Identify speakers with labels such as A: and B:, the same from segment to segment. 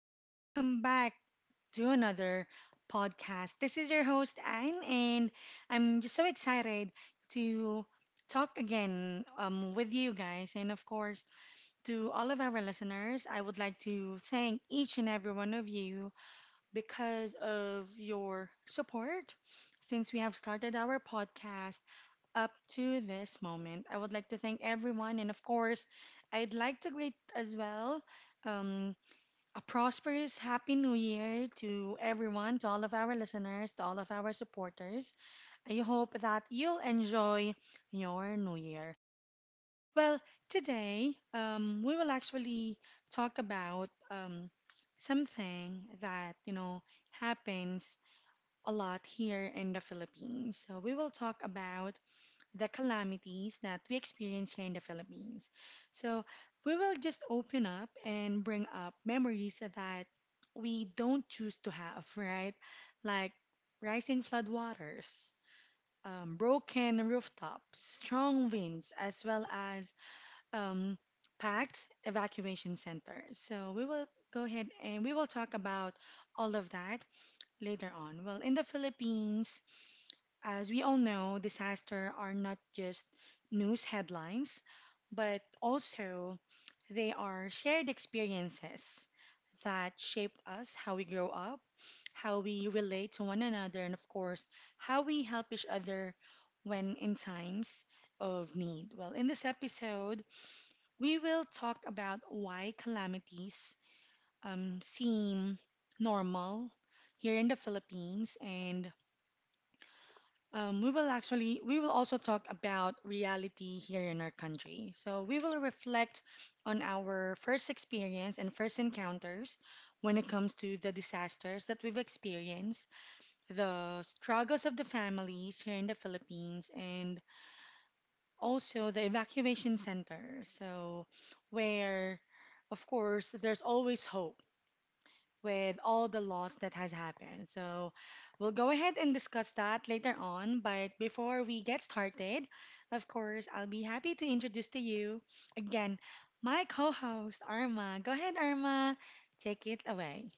A: and welcome back to another podcast. This is your host, Anne, and I'm just so excited to talk again with you guys. And of course, to all of our listeners, I would like to thank each and every one of you because of your support since we have started our podcast up to this moment. I would like to thank everyone, and of course, I'd like to greet as well. Um, a prosperous Happy New Year to everyone, to all of our listeners, to all of our supporters. I hope that you'll enjoy your New Year. Well, today we will actually talk about something that, happens a lot here in the Philippines. So we will talk about the calamities that we experience here in the Philippines. So we will just open up and bring up memories that we don't choose to have, right? Like rising floodwaters, broken rooftops, strong winds, as well as um, packed evacuation centers. So we will go ahead and we will talk about all of that later on. Well, in the Philippines, as we all know, disasters are not just news headlines, but also they are shared experiences that shaped us, how we grow up, how we relate to one another, and of course, how we help each other when in times of need. Well, in this episode, we will talk about why calamities seem normal here in the Philippines and we will also talk about reality here in our country. So we will reflect on our first experience and first encounters when it comes to the disasters that we've experienced, the struggles of the families here in the Philippines, and also the evacuation center. So where, of course, there's always hope with all the loss that has happened. So we'll go ahead and discuss that later on. But before we get started, of course, I'll be happy to introduce to you again my co host, Arma. Go ahead, Arma. Take it away.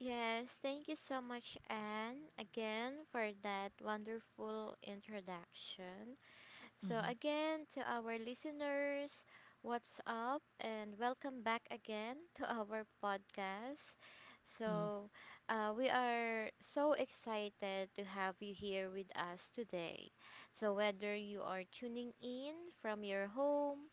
B: Yes, thank you so much, Anne, again for that wonderful introduction. So,
A: Mm-hmm.
B: again, to our listeners, what's up, and welcome back again to our podcast.
A: Mm-hmm.
B: So, we are so excited to have you here with us today. So, whether you are tuning in from your home,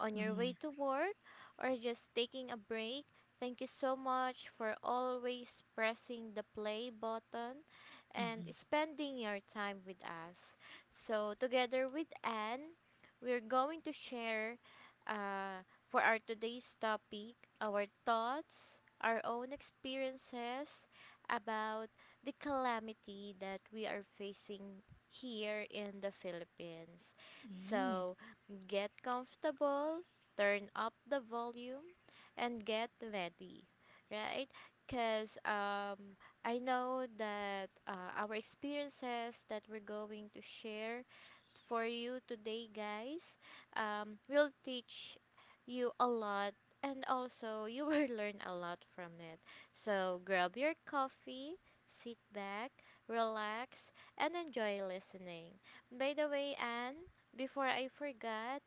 B: on your way to work or just taking a break. Thank you so much for always pressing the play button and
A: Mm-hmm.
B: spending your time with us. So, together with Anne, we're going to share uh, for our today's topic our thoughts, our own experiences about the calamity that we are facing here in the Philippines.
A: Mm-hmm. Right.
B: So, get comfortable, turn up the volume, and get ready, right? Because I know that our experiences that we're going to share for you today, guys, will teach you a lot and also you will learn a lot from it. So grab your coffee, sit back, relax, and enjoy listening. By the way, Anne, before I forgot,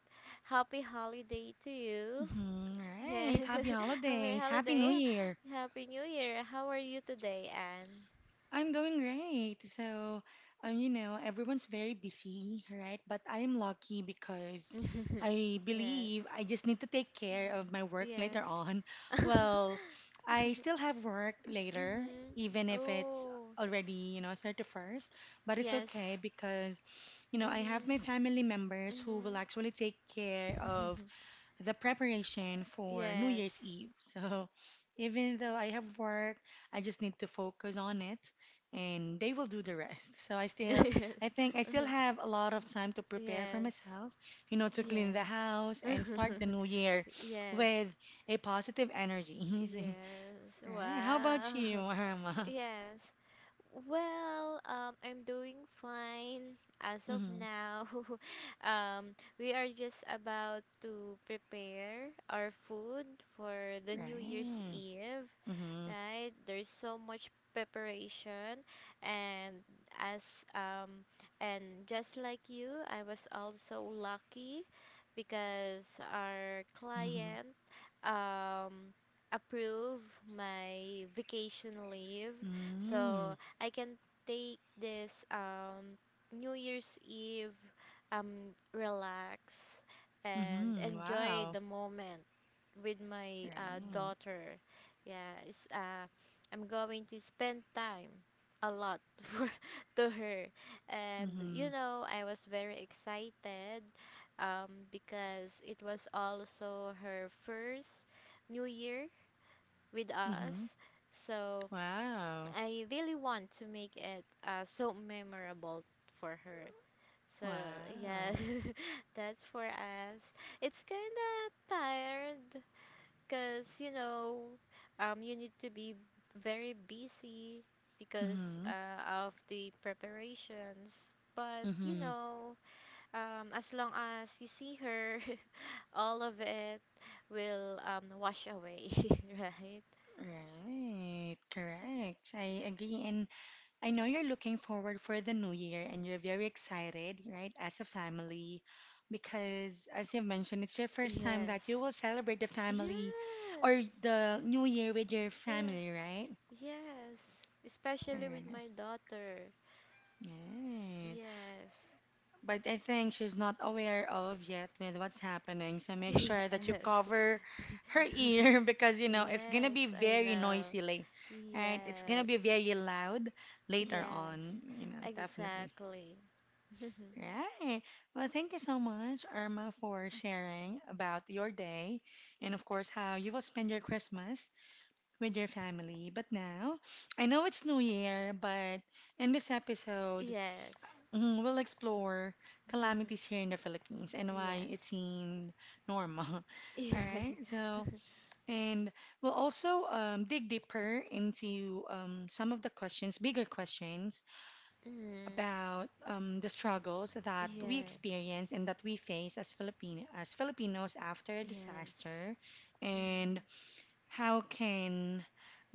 B: happy holiday to you.
A: Mm-hmm.
B: Yeah.
A: Right. Happy
B: Happy
A: holidays. Happy New
B: holiday.
A: Year.
B: Happy New Year. How are you today, Anne?
A: I'm doing great. So, you know, everyone's very busy, right? But I'm lucky because I
B: Yes.
A: believe I just need to take care of my work later
B: Yes.
A: on. Well, I still have work later,
B: Mhm.
A: even if it's
B: Oh.
A: already, you know, 31st, but it's okay
B: Yes.
A: because, you know, I have my
B: Mhm.
A: family members who will
B: Mhm.
A: actually take care of the preparation for New
B: Yes.
A: Year's Eve. So even though I have work, I just need to focus on it and they will do the rest. So I still
B: Yes.
A: I think I
B: Uh huh.
A: still have a lot of time to prepare for
B: Yes.
A: myself, you know, to clean the
B: Yes.
A: house and start the new year
B: Yes.
A: with a positive energy. So,
B: Yes.
A: right. How about
B: Wow.
A: you, Irma?
B: Yes. Well, I'm doing fine as of
A: Mm-hmm.
B: now. We are just about to prepare our food for the New Year's
A: Right.
B: Eve,
A: Mm-hmm.
B: right? There's so much preparation, and as um and just like you, I was also lucky because our
A: Mm-hmm.
B: client um approve my vacation leave,
A: Mm-hmm.
B: so I can take this New Year's Eve, relax and
A: Mm-hmm.
B: enjoy
A: Wow.
B: the moment with
A: Right.
B: my daughter. Yeah, I'm going to spend time a lot to her. And
A: Mm-hmm.
B: you know, I was very excited, because it was also her first New Year with
A: Mm-hmm.
B: us. So
A: Wow.
B: I really want to make it so memorable for her. So yeah,
A: Wow.
B: that's for us. It's kind of tired because you need to be very busy because
A: Mm-hmm.
B: of the preparations, but
A: Mm-hmm.
B: as long as you see her, all of it will wash away, right?
A: Right. Correct. I agree. And I know you're looking forward for the new year and you're very excited, right, as a family. Because as you've mentioned, it's your first time that you
B: Yes.
A: will celebrate the
B: Yes.
A: family or the new year with your
B: Yeah.
A: family, right?
B: Yes, especially with
A: Right.
B: my daughter.
A: Right.
B: Yes.
A: But I think she's not aware of yet with what's happening. So make sure that you
B: Yes.
A: cover her ear because you know it's gonna be
B: Yes, I
A: very
B: know.
A: noisy late, right? It's gonna
B: Yes.
A: be very loud later
B: Yes,
A: on, you know, definitely.
B: exactly.
A: Right. Well, thank you so much, Irma, for sharing about your day and of course how you will spend your Christmas with your family. But now, I know it's New Year, but in this episode,
B: Yes.
A: mhm, we'll explore calamities here in the Philippines and why it
B: Yes.
A: seemed normal. All right. So, and we'll also dig deeper into some of the questions, bigger questions
B: Mm.
A: about the struggles that we
B: Yes.
A: experience and that we face as Filipinos after a
B: Yes.
A: disaster, and
B: Mm-hmm.
A: how can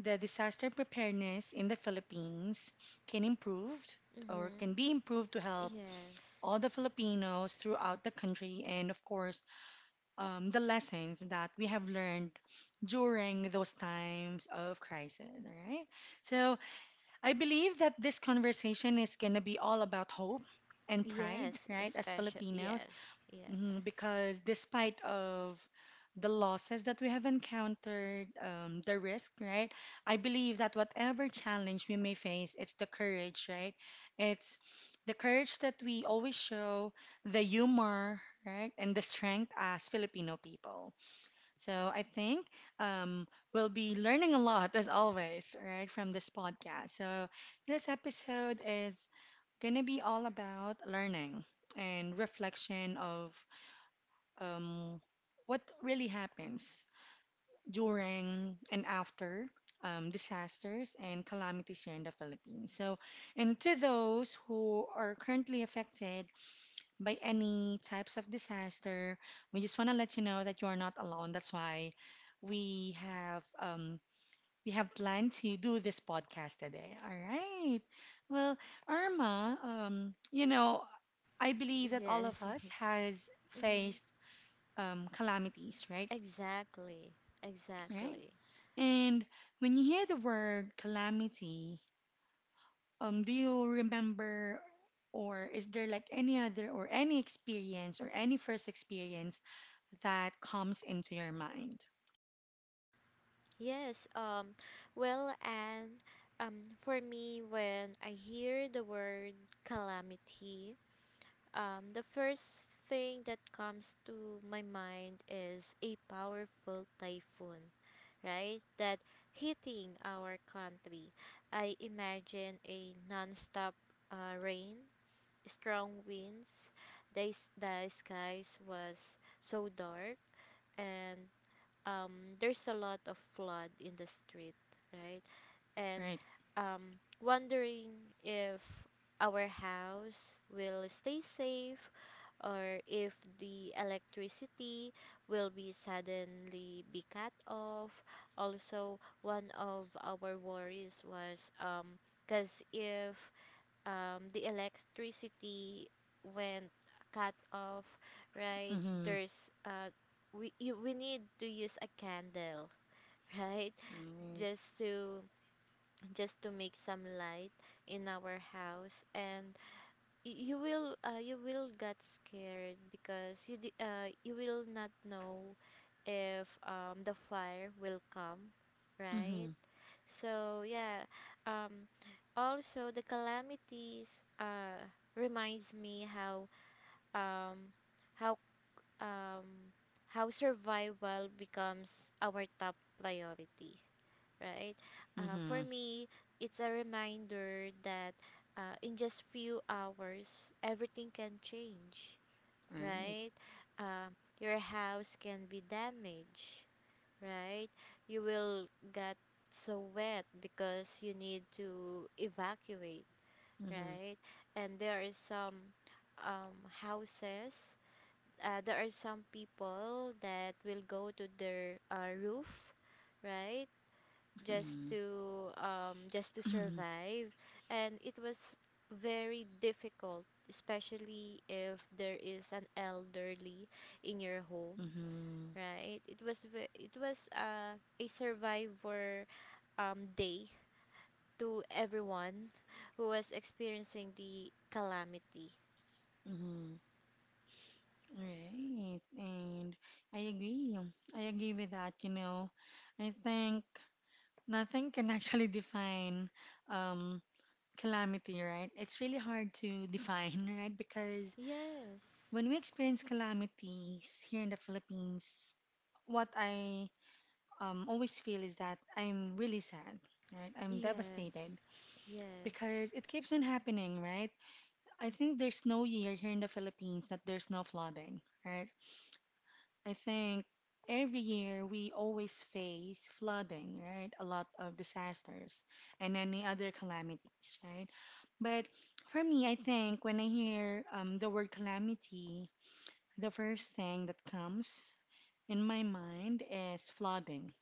A: the disaster preparedness in the Philippines can improve or can
B: Mm-hmm.
A: be improved to help
B: Yes.
A: all the Filipinos throughout the country, and of course, the lessons that we have learned during those times of crisis, right? So I believe that this conversation is going to be all about hope and pride,
B: Yes,
A: right, as
B: especially.
A: Filipinos,
B: Yes.
A: mhm,
B: Yes.
A: because despite of the losses that we have encountered, the risk, right? I believe that whatever challenge we may face, it's the courage, right? It's the courage that we always show, the humor, right? And the strength as Filipino people. So I think um, we'll be learning a lot, as always, right, from this podcast. So this episode is going to be all about learning and reflection of um, what really happens during and after disasters and calamities here in the Philippines. So, and to those who are currently affected by any types of disaster, we just want to let you know that you are not alone. That's why we have we have planned to do this podcast today. All right. Well, Irma, you know, I believe that all of
B: Yes.
A: us has
B: Mm-hmm.
A: faced calamities, right?
B: Exactly.
A: Right.
B: Exactly.
A: And when you hear the word calamity, do you remember, or is there like any other or any experience or any first experience that comes into your mind?
B: Yes. Well and for me when I hear the word calamity, the first thing that comes to my mind is a powerful typhoon, right? That hitting our country. I imagine a non-stop rain, strong winds. The skies was so dark, and there's a lot of flood in the street, right? And
A: Right.
B: wondering if our house will stay safe, or if the electricity will be suddenly be cut off. Also, one of our worries was, because if the electricity went cut off, right,
A: Mm-hmm.
B: there's we need to use a candle, right,
A: Right.
B: just to make some light in our house. And you will get scared because you will not know if the fire will come,
A: Mm-hmm.
B: right? So yeah, um, also the calamities reminds me how um, how um, how survival becomes our top priority, right?
A: Mm-hmm.
B: For me, it's a reminder that in just few hours, everything can change,
A: Right.
B: right? Uh, your house can be damaged, right? You will get so wet because you need to evacuate,
A: Mm-hmm.
B: right? And there are some houses. There are some people that will go to their roof, right? Just
A: Mm-hmm.
B: to
A: Mm-hmm.
B: survive. And it was very difficult, especially if there is an elderly in your home,
A: Mm-hmm.
B: right? It was a survivor day to everyone who was experiencing the calamity.
A: Mm-hmm. Right. And I agree. I agree with that, you know. I think nothing can actually define um, calamity, right? It's really hard to define, right? Because
B: Yes.
A: when we experience calamities here in the Philippines, what I always feel is that I'm really sad, right? I'm
B: Yes.
A: devastated
B: Yes.
A: because it keeps on happening, right? I think there's no year here in the Philippines that there's no flooding, right? I think every year we always face flooding, right? A lot of disasters and any other calamities, right? But for me, I think when I hear the word calamity, the first thing that comes in my mind is flooding,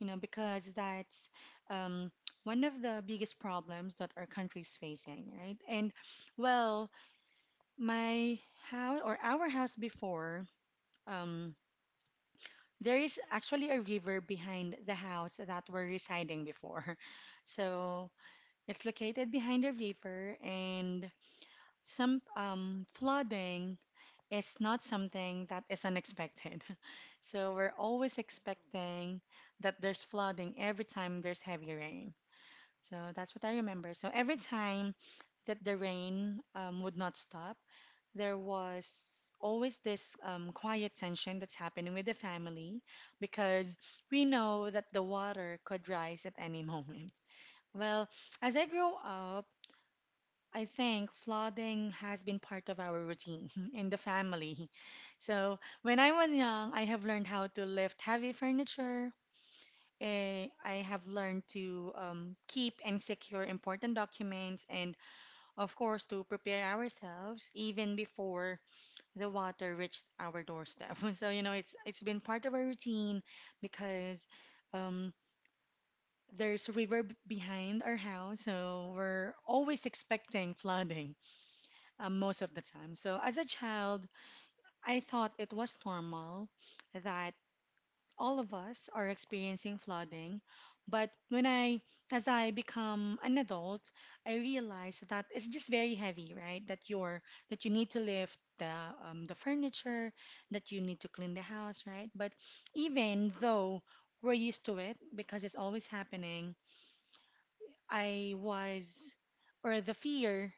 A: you know, because that's um, one of the biggest problems that our country is facing, right? And well, my house or our house before, um, there is actually a river behind the house that we're residing before. So it's located behind a river and some flooding is not something that is unexpected. So we're always expecting that there's flooding every time there's heavy rain. So that's what I remember. So every time that the rain would not stop, there was always this quiet tension that's happening with the family because we know that the water could rise at any moment. Well, as I grew up, I think flooding has been part of our routine in the family. So when I was young, I have learned how to lift heavy furniture. I have learned to keep and secure important documents and, of course, to prepare ourselves even before the water reached our doorstep. So, you know, it's been part of our routine because um, there's a river behind our house, so we're always expecting flooding most of the time. So, as a child, I thought it was normal that all of us are experiencing flooding, but as I become an adult, I realize that it's just very heavy, right? That you need to lift the furniture, that you need to clean the house, right? But even though we're used to it because it's always happening, I was, or the fear,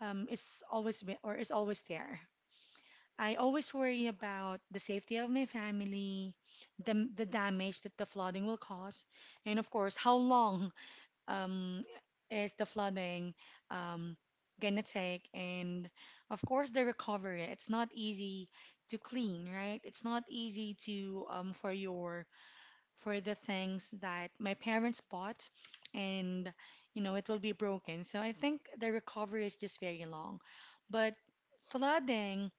A: um, is always there. I always worry about the safety of my family, the damage that the flooding will cause, and of course, how long um, is the flooding um, gonna take, and of course, the recovery. It's not easy to clean, right? It's not easy to for the things that my parents bought, and you know, it will be broken. So I think the recovery is just very long, but flooding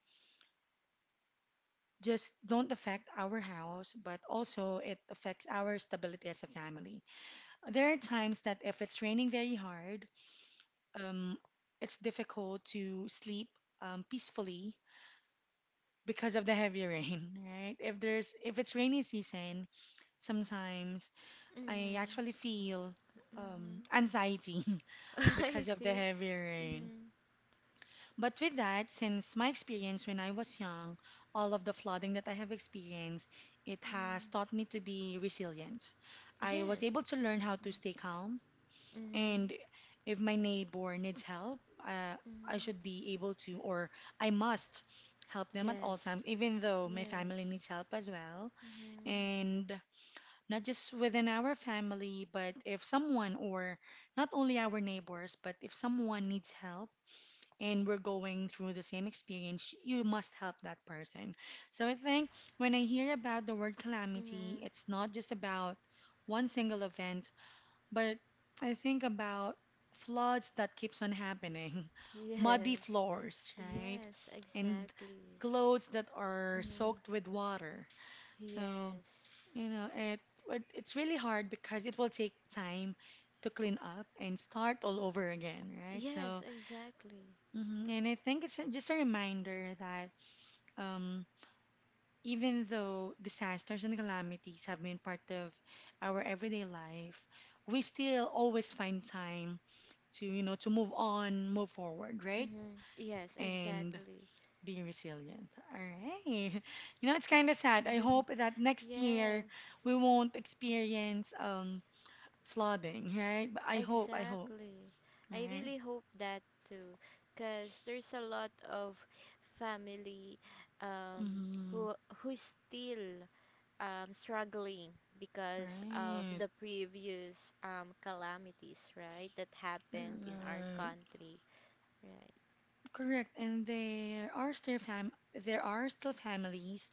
A: just don't affect our house, but also it affects our stability as a family. There are times that if it's raining very hard, um, it's difficult to sleep peacefully because of the heavy rain, right? If it's rainy season, sometimes I
B: Mm-hmm.
A: actually feel anxiety
B: I
A: because of the
B: see.
A: heavy rain.
B: Mm-hmm.
A: But with that, since my experience when I was young, all of the flooding that I have experienced, it has
B: Mm-hmm.
A: taught me to be resilient. I was able
B: Yes.
A: to learn how to
B: Mm-hmm.
A: stay calm, and
B: Mhm.
A: if my neighbor needs help, I
B: Mhm.
A: should be able to, or I must help them at all
B: Yes.
A: times, even though my family
B: Yes.
A: needs help as well.
B: Mhm.
A: And not just within our family, but if someone, or not only our neighbors, but if someone needs help, and we're going through the same experience, you must help that person. So I think when I hear about the word calamity,
B: Mhm.
A: it's not just about one single event, but I think about floods that keeps on happening, muddy
B: Yes.
A: floors, right?
B: Yes,
A: And
B: exactly.
A: clothes that are
B: Mhm.
A: soaked with water. So,
B: Yes.
A: it, it's really hard because it will take time to clean up and start all over again, right?
B: Yes,
A: So,
B: exactly.
A: And I think it's just a reminder that um, even though disasters and calamities have been part of our everyday life, we still always find time to, to move on, move forward, right?
B: Mhm. Yes,
A: And
B: exactly.
A: be resilient. All right. You know, it's kind of sad. I hope that next year
B: Yes.
A: we won't experience flooding, right? But I hope,
B: Exactly. I
A: right?
B: really hope that too, cuz there's a lot of family um
A: Mm-hmm.
B: who who is still struggling because of
A: Right.
B: the previous calamities, right, that happened in our
A: Right.
B: country, right?
A: Correct, and there are still fam there are still families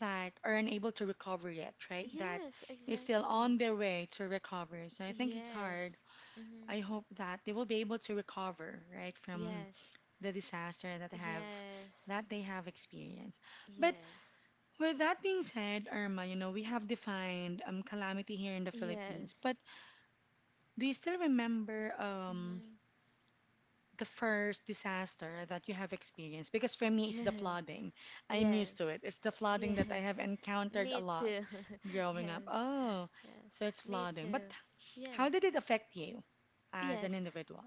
A: that are unable to recover yet, right? That
B: Yes,
A: is still on
B: exactly.
A: their way to recovery. So I think it's hard.
B: Yes. Mm-hmm.
A: I hope that they will be able to recover, right, from
B: Yes.
A: the disaster
B: Yes.
A: that they have experienced. But
B: Yes.
A: with that being said, Irma, you know, we have defined calamity here in the Philippines.
B: Yes.
A: But do you still remember
B: Mm-hmm.
A: the first disaster that you have experienced? Because for me, it's the
B: Yes.
A: flooding. I'm used
B: Yes.
A: to it. It's the flooding that I
B: Yes.
A: have encountered a
B: Me
A: lot
B: too.
A: growing up.
B: Yes.
A: Oh,
B: Yes.
A: so it's
B: Me
A: flooding. But
B: too.
A: how
B: Yes.
A: did it affect you as an
B: Yes.
A: individual?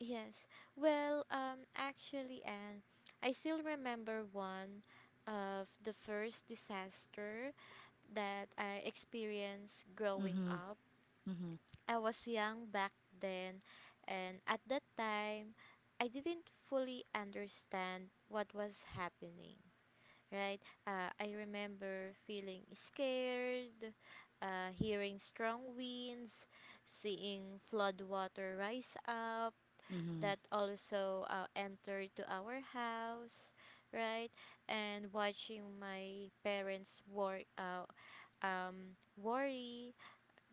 B: Yes. Well, actually, Anne, I still remember one of the first disaster that I experienced growing
A: Mm-hmm,
B: up.
A: mm-hmm,
B: I was young back then, and at that time, I didn't fully understand what was happening, right? I remember feeling scared, hearing strong winds, seeing flood water rise up
A: mm-hmm,
B: that also enter to our house, right, and watching my parents worry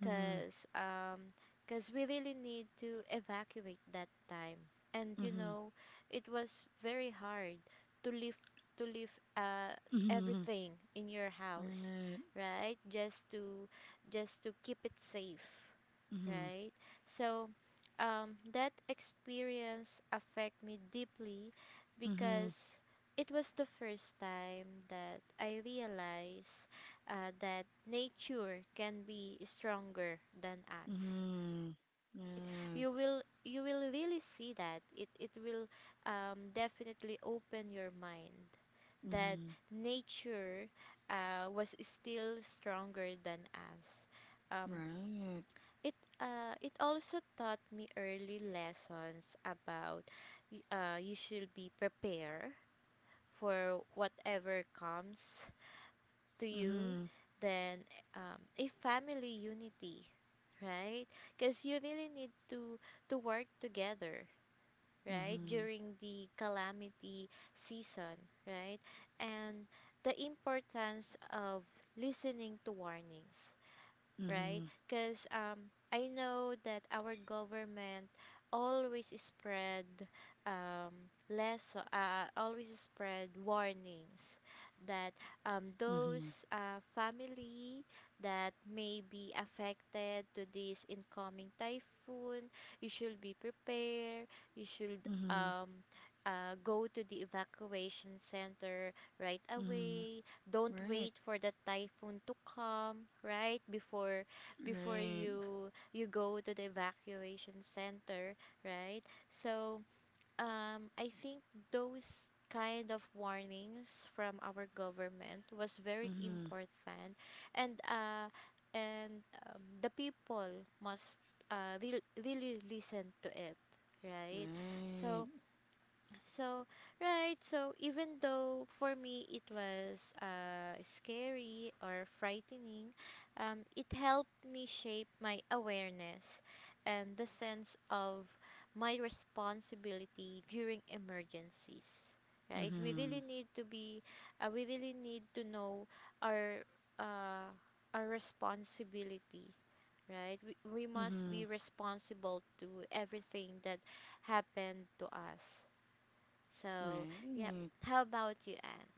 A: mm-hmm,
B: cause we really need to evacuate that time. And
A: mm-hmm,
B: it was very hard to leave, to leave
A: mm-hmm,
B: everything in your house,
A: right,
B: right, just to keep it safe,
A: mm-hmm,
B: right? So that experience affect me deeply
A: mm-hmm,
B: because it was the first time that I realized that nature can be stronger than us,
A: mm-hmm,
B: right.
A: right,
B: You will really see that it will, definitely open your mind, that
A: mm-hmm,
B: nature was still stronger than us. um,
A: right,
B: it also taught me early lessons about: you should be prepared for whatever comes to
A: mm-hmm,
B: you. Then, a family unity, right, because you really need to work together, right,
A: mm-hmm,
B: during the calamity season, right. And the importance of listening to warnings, right?
A: mm-hmm,
B: Because I know that our government always spread always spread warnings, that
A: mm-hmm,
B: those family that may be affected to this incoming typhoon, you should be prepared. You should,
A: mm-hmm,
B: go to the evacuation center right
A: mm-hmm,
B: away. Don't
A: right.
B: wait for the typhoon to come, right, before
A: Right.
B: you go to the evacuation center, right. So I think those kind of warnings from our government was very
A: Mm-hmm.
B: important. And uh and um, the people must really listen to it, right.
A: Right.
B: so so, right. So, even though for me it was scary or frightening, it helped me shape my awareness and the sense of my responsibility during emergencies. Right? We
A: Mm-hmm.
B: really need to know our, uh, our responsibility. Right? We must
A: Mm-hmm.
B: be responsible to everything that happened to us, so, yep.
A: Right.
B: How about you, Anne?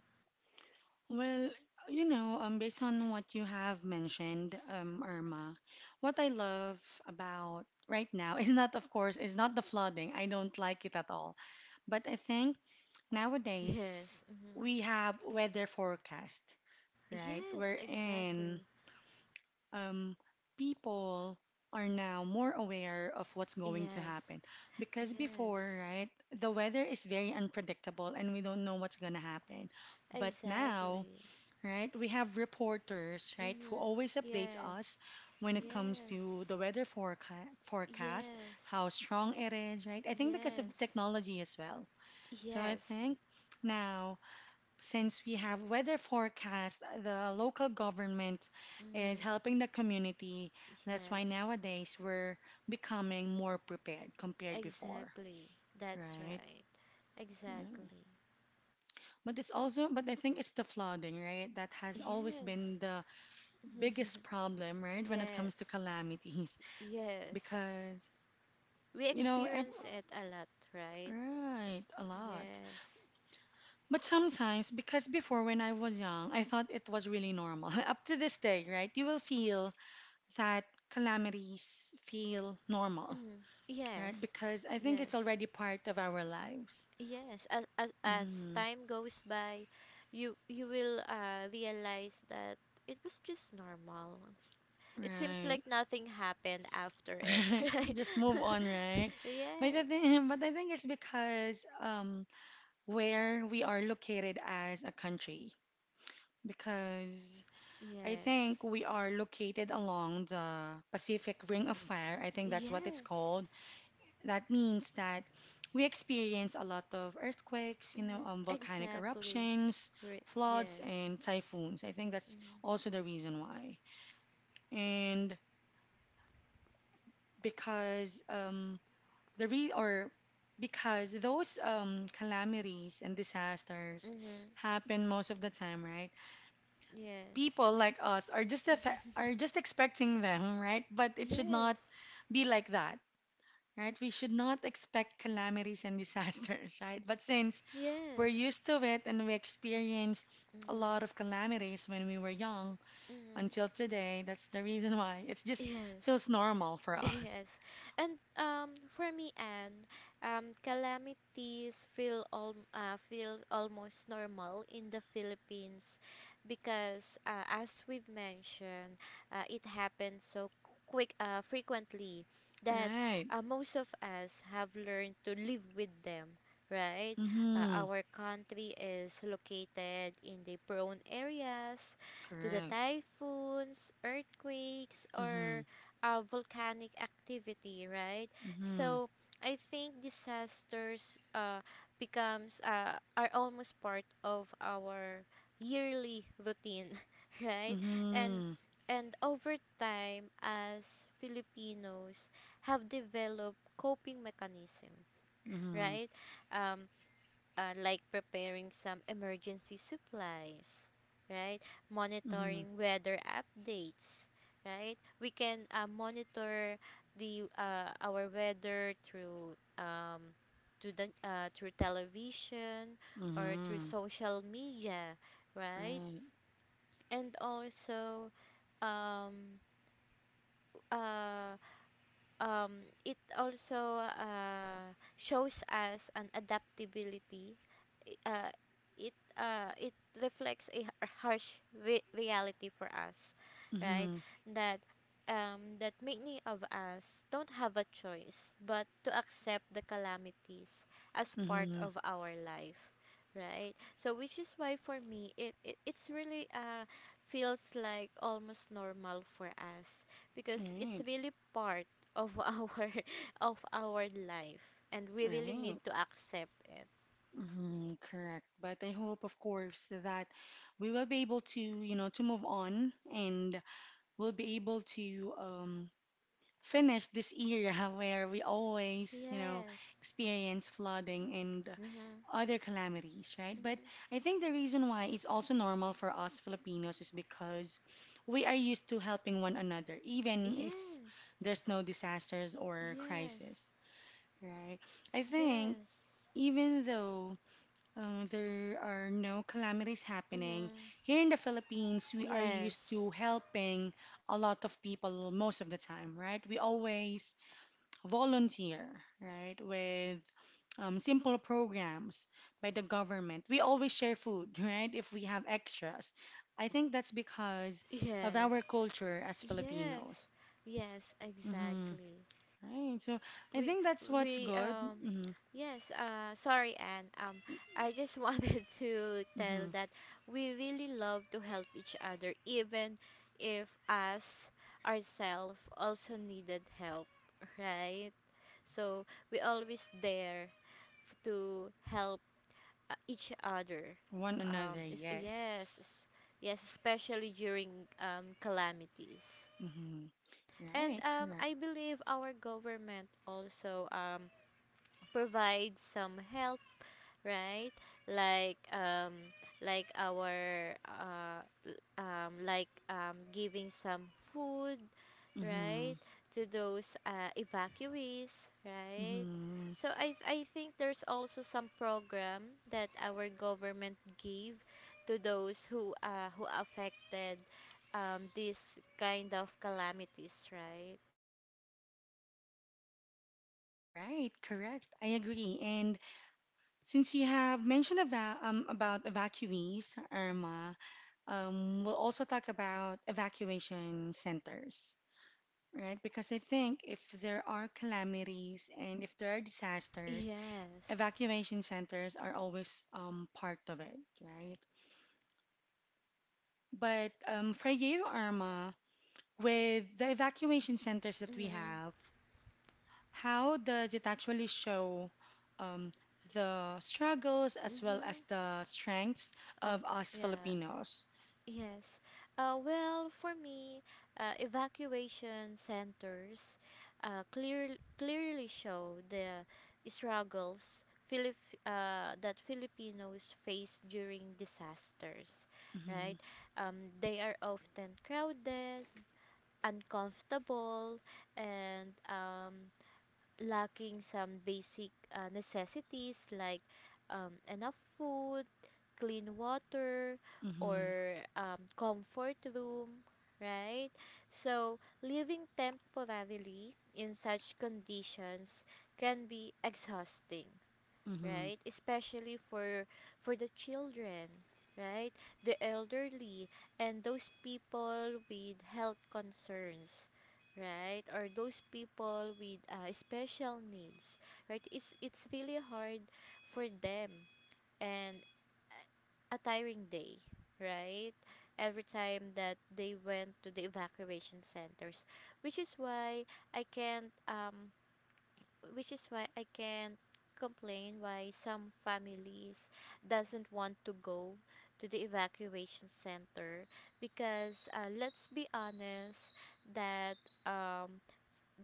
A: Well, based on what you have mentioned, Irma, what I love about right now is not, of course, is not the flooding. I don't like it at all. But I think nowadays
B: Yes. Hmm.
A: we have weather forecast, right?
B: Yes,
A: We're in.
B: exactly.
A: um, People are now more aware of what's going to
B: Yes.
A: happen. Because before,
B: Yes.
A: right, the weather is very unpredictable and we don't know what's going to happen. But now,
B: Exactly.
A: right, we have reporters, right, who
B: Mm-hmm.
A: always updates
B: Yes.
A: us when it comes to
B: Yes.
A: the weather forecast,
B: Yes.
A: how strong it is, right? I think because of the
B: Yes.
A: technology as well. So I
B: Yes.
A: think now since we have weather forecast, the local government is
B: Mm-hmm.
A: helping the community. That's why
B: Yes.
A: nowadays we're becoming more prepared compared before,
B: Exactly. That's
A: right?
B: right.
A: Yeah.
B: Exactly.
A: But it's also, but I think it's the flooding, right? That has always
B: Yes.
A: been the biggest problem, right? When it
B: Yes.
A: comes to calamities,
B: Yes.
A: because
B: We
A: you know, ev
B: experience it a lot, right?
A: right, a lot.
B: Yes.
A: But sometimes, because before when I was young, I thought it was really normal. Up to this day, right? You will feel that calamities feel normal,
B: Hmm.
A: right?
B: Yes,
A: Because I think it's
B: yes,
A: already part of our lives.
B: yes. As
A: hmm
B: time goes by, you will realize that it was just normal. It seems like
A: Right.
B: nothing happened after it, right?
A: Just move on, right? But I
B: Yeah.
A: think, but I think it's because where we are located as a country, because I think
B: Yes.
A: we are located along the Pacific Ring of Fire. I think that's what it's
B: Yes.
A: called. That means that we experience a lot of earthquakes,
B: Mm,
A: volcanic
B: exactly.
A: eruptions, floods,
B: Yes.
A: and typhoons. I think that's
B: Mm,
A: also the reason why. And because the re or because those calamities and disasters
B: mm-hmm.
A: happen most of the time, right?
B: Yes.
A: People like us are just are just expecting them, right? But it should
B: Yes.
A: not be like that, right? We should not expect calamities and disasters, right? But since we're
B: Yes.
A: used to it and we experienced a
B: Mm-hmm.
A: lot of calamities when we were young until
B: Mm-hmm.
A: today. That's the reason why it just
B: Yes.
A: feels normal for us.
B: Yes. And for me, Anne, calamities feel almost normal in the Philippines because, as we've mentioned, it happens so quick frequently, that
A: Right.
B: most of us have learned to live with them. Right,
A: Mm-hmm.
B: our country is located in the prone areas to the
A: Correct.
B: typhoons, earthquakes,
A: Mm-hmm.
B: or volcanic activity, right?
A: Mm-hmm.
B: So I think disasters becomes are almost part of our yearly routine, right? And
A: Mm-hmm.
B: and over time, as Filipinos have developed coping mechanism,
A: Mm-hmm.
B: right? Um, like preparing some emergency supplies, right?
A: Mm-hmm.
B: Monitoring weather updates, right? We can monitor the our weather through, through the through television or through
A: Mm-hmm.
B: social media, right?
A: Right.
B: And also, um, uh, it also shows us an adaptability. I- Uh, it reflects a harsh reality for us, right?
A: Mm-hmm.
B: That that many of us don't have a choice but to accept the calamities as part
A: Mm-hmm.
B: of our life, right? So which is why for me it, it it's really feels like almost normal for us because it's
A: Right.
B: really part of our of our life, and we really need
A: Right.
B: to accept it.
A: Mm-hmm. Correct. But I hope, of course, that we will be able to, you know, to move on and we'll be able to finish this era where we always, you know,
B: Yes.
A: experience flooding and
B: Mm-hmm.
A: other calamities, right? But
B: Mm-hmm.
A: I think the reason why it's also normal for us Filipinos is because we are used to helping one another, even if
B: Yes.
A: there's no disasters or crisis,
B: Yes.
A: right? I think
B: Yes.
A: even though there are no calamities happening,
B: Mm-hmm.
A: here in the Philippines, we are used
B: Yes.
A: to helping a lot of people most of the time, right? We always volunteer, right, with simple programs by the government. We always share food, right, if we have extras. I think that's because of
B: Yes.
A: our culture as
B: Yes.
A: Filipinos.
B: Yes,
A: hmm
B: exactly.
A: Right. So I
B: we
A: think that's what's
B: we
A: good. hmm
B: Yes. Sorry, Anne. I just wanted to tell
A: hmm
B: that we really love to help each other, even if us ourselves also needed help, right? So we always there, to help each other.
A: One another,
B: Yes.
A: yes.
B: Yes, especially during calamities.
A: hmm
B: And
A: Right, correct.
B: I believe our government also provide some help, right? Like um like our giving some food,
A: hmm
B: right? To those evacuees, right?
A: hmm
B: So I think there's also some program that our government gave to those who affected this kind of calamities, right?
A: Right, correct. I agree. And since you have mentioned about evacuees, Irma, um, we'll also talk about evacuation centers, right? Because I think if there are calamities and if there are disasters,
B: Yes.
A: evacuation centers are always part of it, right? But for you, Irma, with the evacuation centers that we
B: Mhm.
A: have, how does it actually show um, the struggles as well as
B: Mhm.
A: the strengths of
B: Okay.
A: us
B: Yeah.
A: Filipinos?
B: Yes. Well, for me, evacuation centers uh, clear, clearly show the struggles, that Filipinos face during disasters,
A: Mm-hmm,
B: right? They are often crowded, uncomfortable, and lacking some basic necessities like enough food, clean water,
A: mm-hmm,
B: or comfort room, right? So, living temporarily in such conditions can be exhausting,
A: mm-hmm,
B: right? Especially for the children, right? The elderly and those people with health concerns, right? Or those people with special needs, right? It's really hard for them and a tiring day, right? Every time that they went to the evacuation centers, which is why I can't um which is why I can't complain why some families doesn't want to go to the evacuation center because let's be honest that um,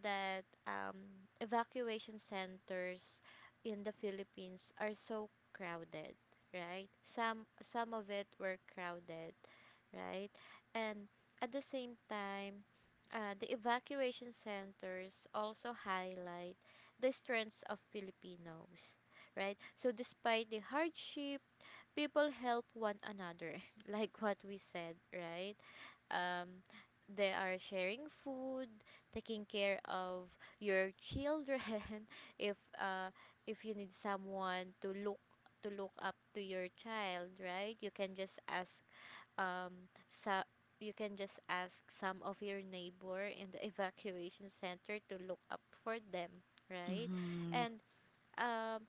B: that um, evacuation centers in the Philippines are so crowded, right? Some of it were crowded, right? And at the same time, the evacuation centers also highlight the strengths of Filipinos, right? So despite the hardship, people help one another, like what we said, right? um, they are sharing food, taking care of your children. If if you need someone to look up to your child, right? You can just ask um so you can just ask some of your neighbor in the evacuation center to look up for them, right?
A: mm-hmm,
B: And um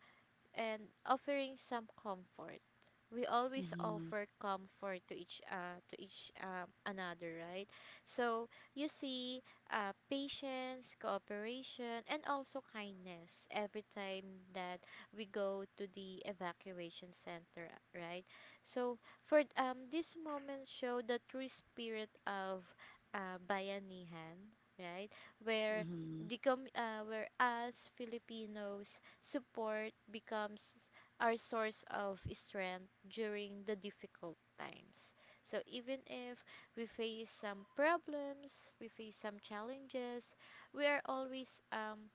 B: and offering some comfort. We always
A: mm-hmm.
B: offer comfort to each another, right? So you see, patience, cooperation, and also kindness every time that we go to the evacuation center, right? So for this moment show the true spirit of bayanihan, right? Where
A: Mm-hmm.
B: where us Filipinos support becomes our source of strength during the difficult times. So even if we face some problems, we face some challenges, we are always um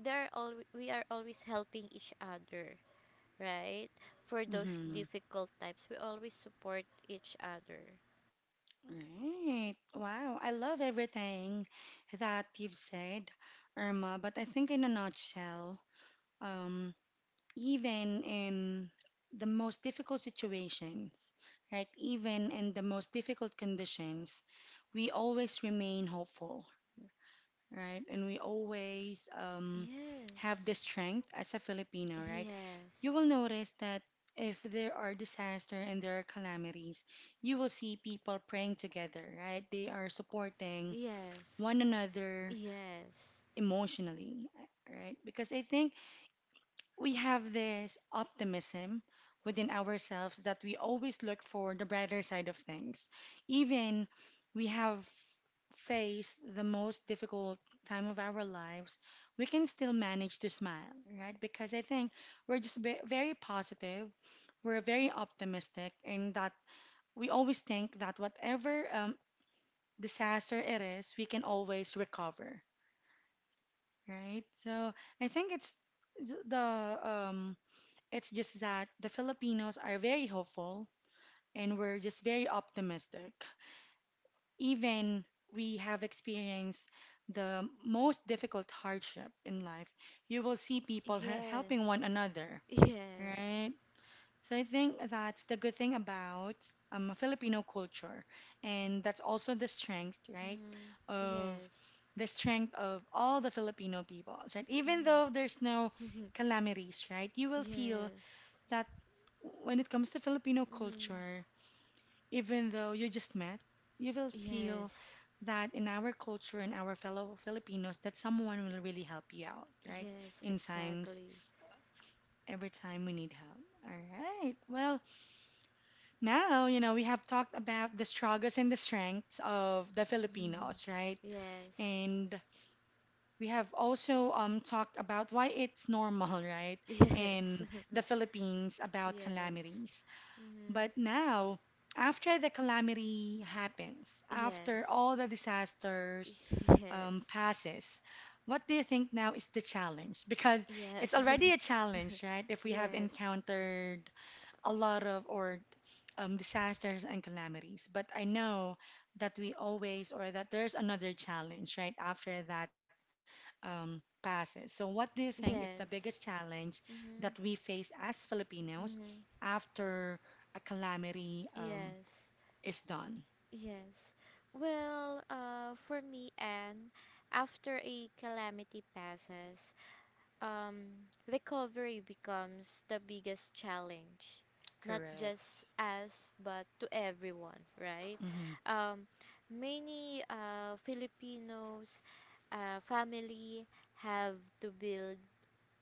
B: there are al- we are always helping each other, right? For those
A: Mm-hmm.
B: difficult times, we always support each other.
A: Right. Wow. I love everything that you've said, Irma. But I think, in a nutshell, um, even in the most difficult situations, right, even in the most difficult conditions, we always remain hopeful, right? And we always have
B: Yes.
A: the strength as a Filipino, right? You
B: Yes.
A: will notice that if there are disaster and there are calamities, you will see people praying together, right? They are supporting
B: Yes.
A: one another
B: Yes.
A: emotionally, right? Because I think we have this optimism within ourselves that we always look for the brighter side of things. Even we have face the most difficult time of our lives, we can still manage to smile, right? Because I think we're just very positive, we're very optimistic, and that we always think that whatever disaster it is, we can always recover, right? So I think it's the it's just that the Filipinos are very hopeful and we're just very optimistic. Even we have experienced the most difficult hardship in life, you will see people helping one
B: Yes.
A: another,
B: Yes.
A: right? So I think that's the good thing about Filipino culture, and that's also the strength, right,
B: Mm-hmm.
A: of
B: Yes.
A: the strength of all the Filipino people, right? Even though
B: Mm-hmm.
A: there's no calamities, right, you will feel
B: Yes.
A: that when it comes to Filipino
B: Mm-hmm.
A: culture, even though you just met, you will feel
B: Yes.
A: that in our culture and our fellow Filipinos, that someone will really help you out, right?
B: Yes,
A: In times,
B: exactly.
A: every time we need help. All right. Well, now, you know, we have talked about the struggles and the strengths of the Filipinos, right?
B: Yes.
A: And we have also talked about why it's normal, right?
B: Yes.
A: In the Philippines about
B: Yes.
A: calamities.
B: Mm-hmm.
A: But now, after the calamity happens, after
B: Yes.
A: all the disasters
B: Yes.
A: passes, what do you think now is the challenge? Because it's
B: Yes.
A: already a challenge, right? If we have
B: Yes.
A: encountered a lot of or disasters and calamities, but I know that we always or that there's another challenge, right? After that passes. So, what do you think is the biggest
B: Yes.
A: challenge that
B: Mm-hmm.
A: we face as Filipinos
B: Mm-hmm.
A: after a calamity
B: Yes.
A: is done?
B: Yes. Well, for me, Anne, after a calamity passes, recovery becomes the biggest challenge, not just
A: Correct.
B: us, but to everyone, right?
A: Mm-hmm.
B: Um, many Filipinos family have to build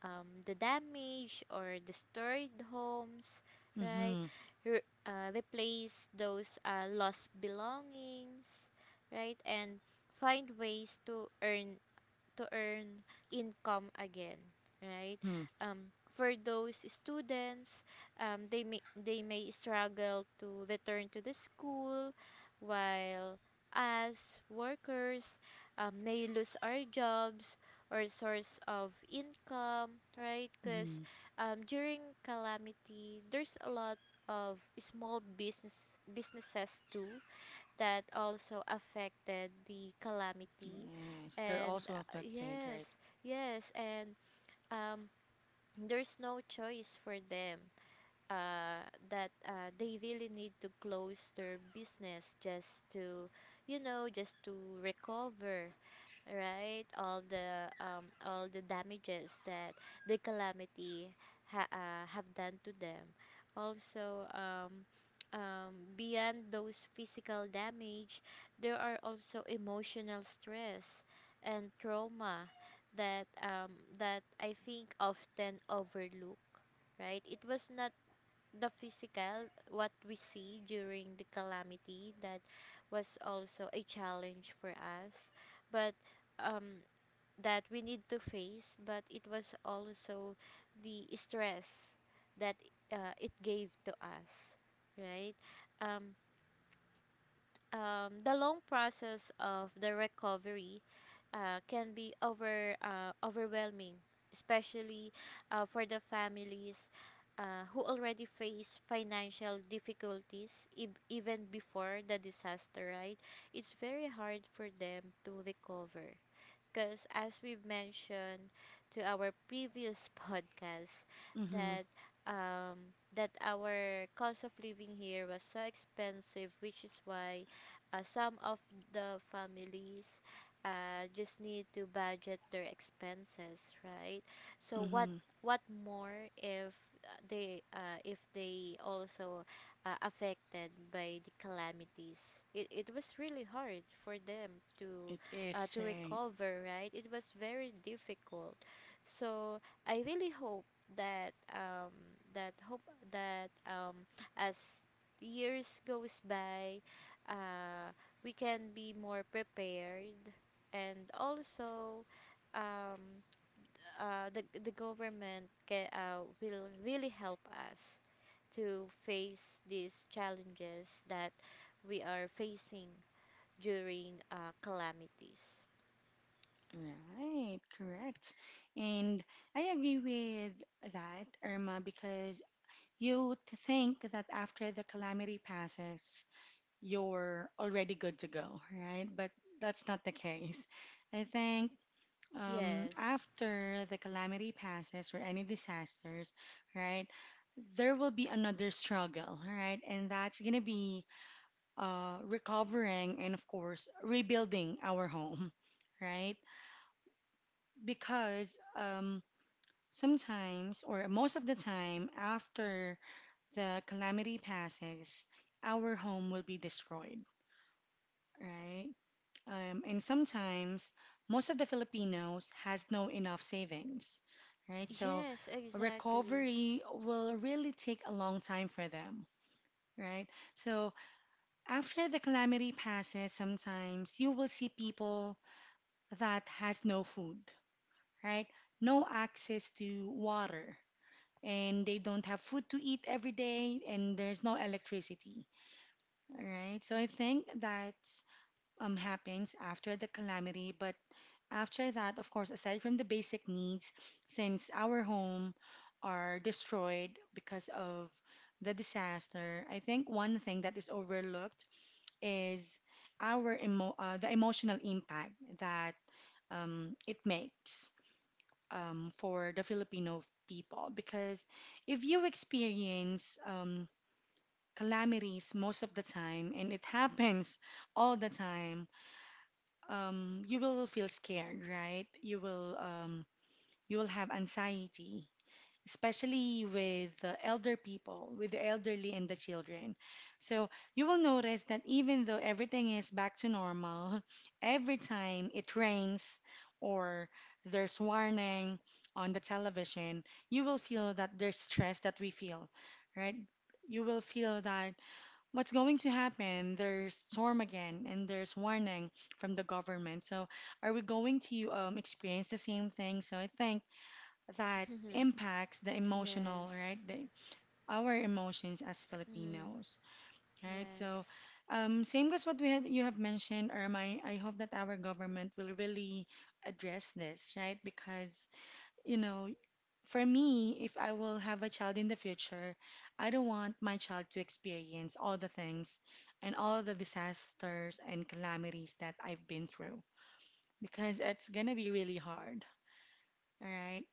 B: the damaged or destroyed homes, right?
A: Mm-hmm.
B: Replace those lost belongings, right? And find ways to earn income again, right?
A: Mm-hmm.
B: For those students, they may struggle to return to the school, while us workers may lose our jobs or source of income, right? Because
A: Mm-hmm.
B: during calamity, there's a lot of small business businesses too that also affected the calamity,
A: Yes, they're
B: and
A: also
B: uh,
A: affected,
B: yes
A: right?
B: yes and um there's no choice for them that they really need to close their business just to, you know, just to recover, right? All the damages that the calamity have done to them. Also, beyond those physical damage, there are also emotional stress and trauma that that I think often overlook. Right? It was not the physical, what we see during the calamity, that was also a challenge for us. But um, that we need to face, but it was also the stress that it gave to us, right? Um, the long process of the recovery can be overwhelming, especially for the families who already face financial difficulties even before the disaster. Right, it's very hard for them to recover because as we've mentioned to our previous podcast
A: Mm-hmm.
B: that that our cost of living here was so expensive, which is why some of the families just need to budget their expenses, right? So
A: Mm-hmm.
B: what more if they if they also affected by the calamities, it was really hard for them
A: It is
B: to
A: right.
B: recover, right? It was very difficult. So I really hope that that hope that as years goes by, uh, we can be more prepared, and also um, the government will really help us to face these challenges that we are facing during calamities.
A: Right, correct. And I agree with that, Irma, because you would think that after the calamity passes, you're already good to go, right? But that's not the case. I think
B: Yes.
A: after the calamity passes or any disasters, right, there will be another struggle, right? And that's going to be recovering and, of course, rebuilding our home, right? Because sometimes, or most of the time, after the calamity passes, our home will be destroyed, right? And sometimes most of the Filipinos has no enough savings, right? So
B: Yes, exactly.
A: recovery will really take a long time for them, right? So after the calamity passes, sometimes you will see people that has no food, right? No access to water, and they don't have food to eat every day, and there's no electricity, all right? So I think that happens after the calamity. But after that, of course, aside from the basic needs, since our home are destroyed because of the disaster, I think one thing that is overlooked is our emo the emotional impact that it makes for the Filipino people. Because if you experience calamities most of the time, and it happens all the time, you will feel scared, right? You will have anxiety, especially with the elder people, with the elderly and the children. So you will notice that even though everything is back to normal, every time it rains or there's warning on the television, you will feel that there's stress that we feel, right? You will feel that what's going to happen? There's storm again, and there's warning from the government. So, are we going to experience the same thing? So, I think that impacts the emotional, right?
B: Yes.
A: Our emotions as
B: Mm,
A: Filipinos, right? So,
B: yes.
A: same goes what we had you have mentioned, Irma. I hope that our government will really address this, right? Because you know for me, if I will have a child in the future, I don't want my child to experience all the things and all the disasters and calamities that I've been through because it's gonna be really hard, all right?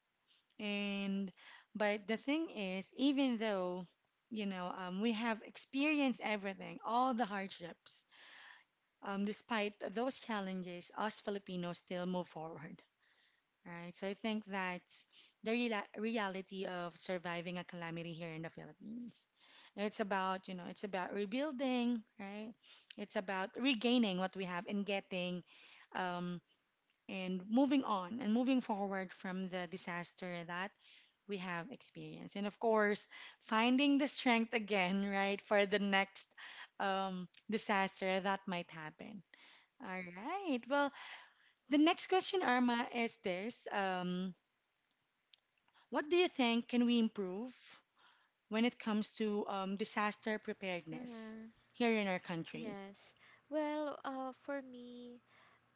A: And but the thing is, even though we have experienced everything, all the hardships. Despite those challenges, us Filipinos still move forward, right? So I think that's the reala reality of surviving a calamity here in the Philippines. It's about, you know, it's about rebuilding, right? It's about regaining what we have and getting um, and moving on and moving forward from the disaster that we have experienced. And of course, finding the strength again, right, for the next disaster that might happen. All right. Well, the next question, Arma, is this. What do you think can we improve when it comes to disaster preparedness
B: Mm,
A: here in our country?
B: yes. Well, for me,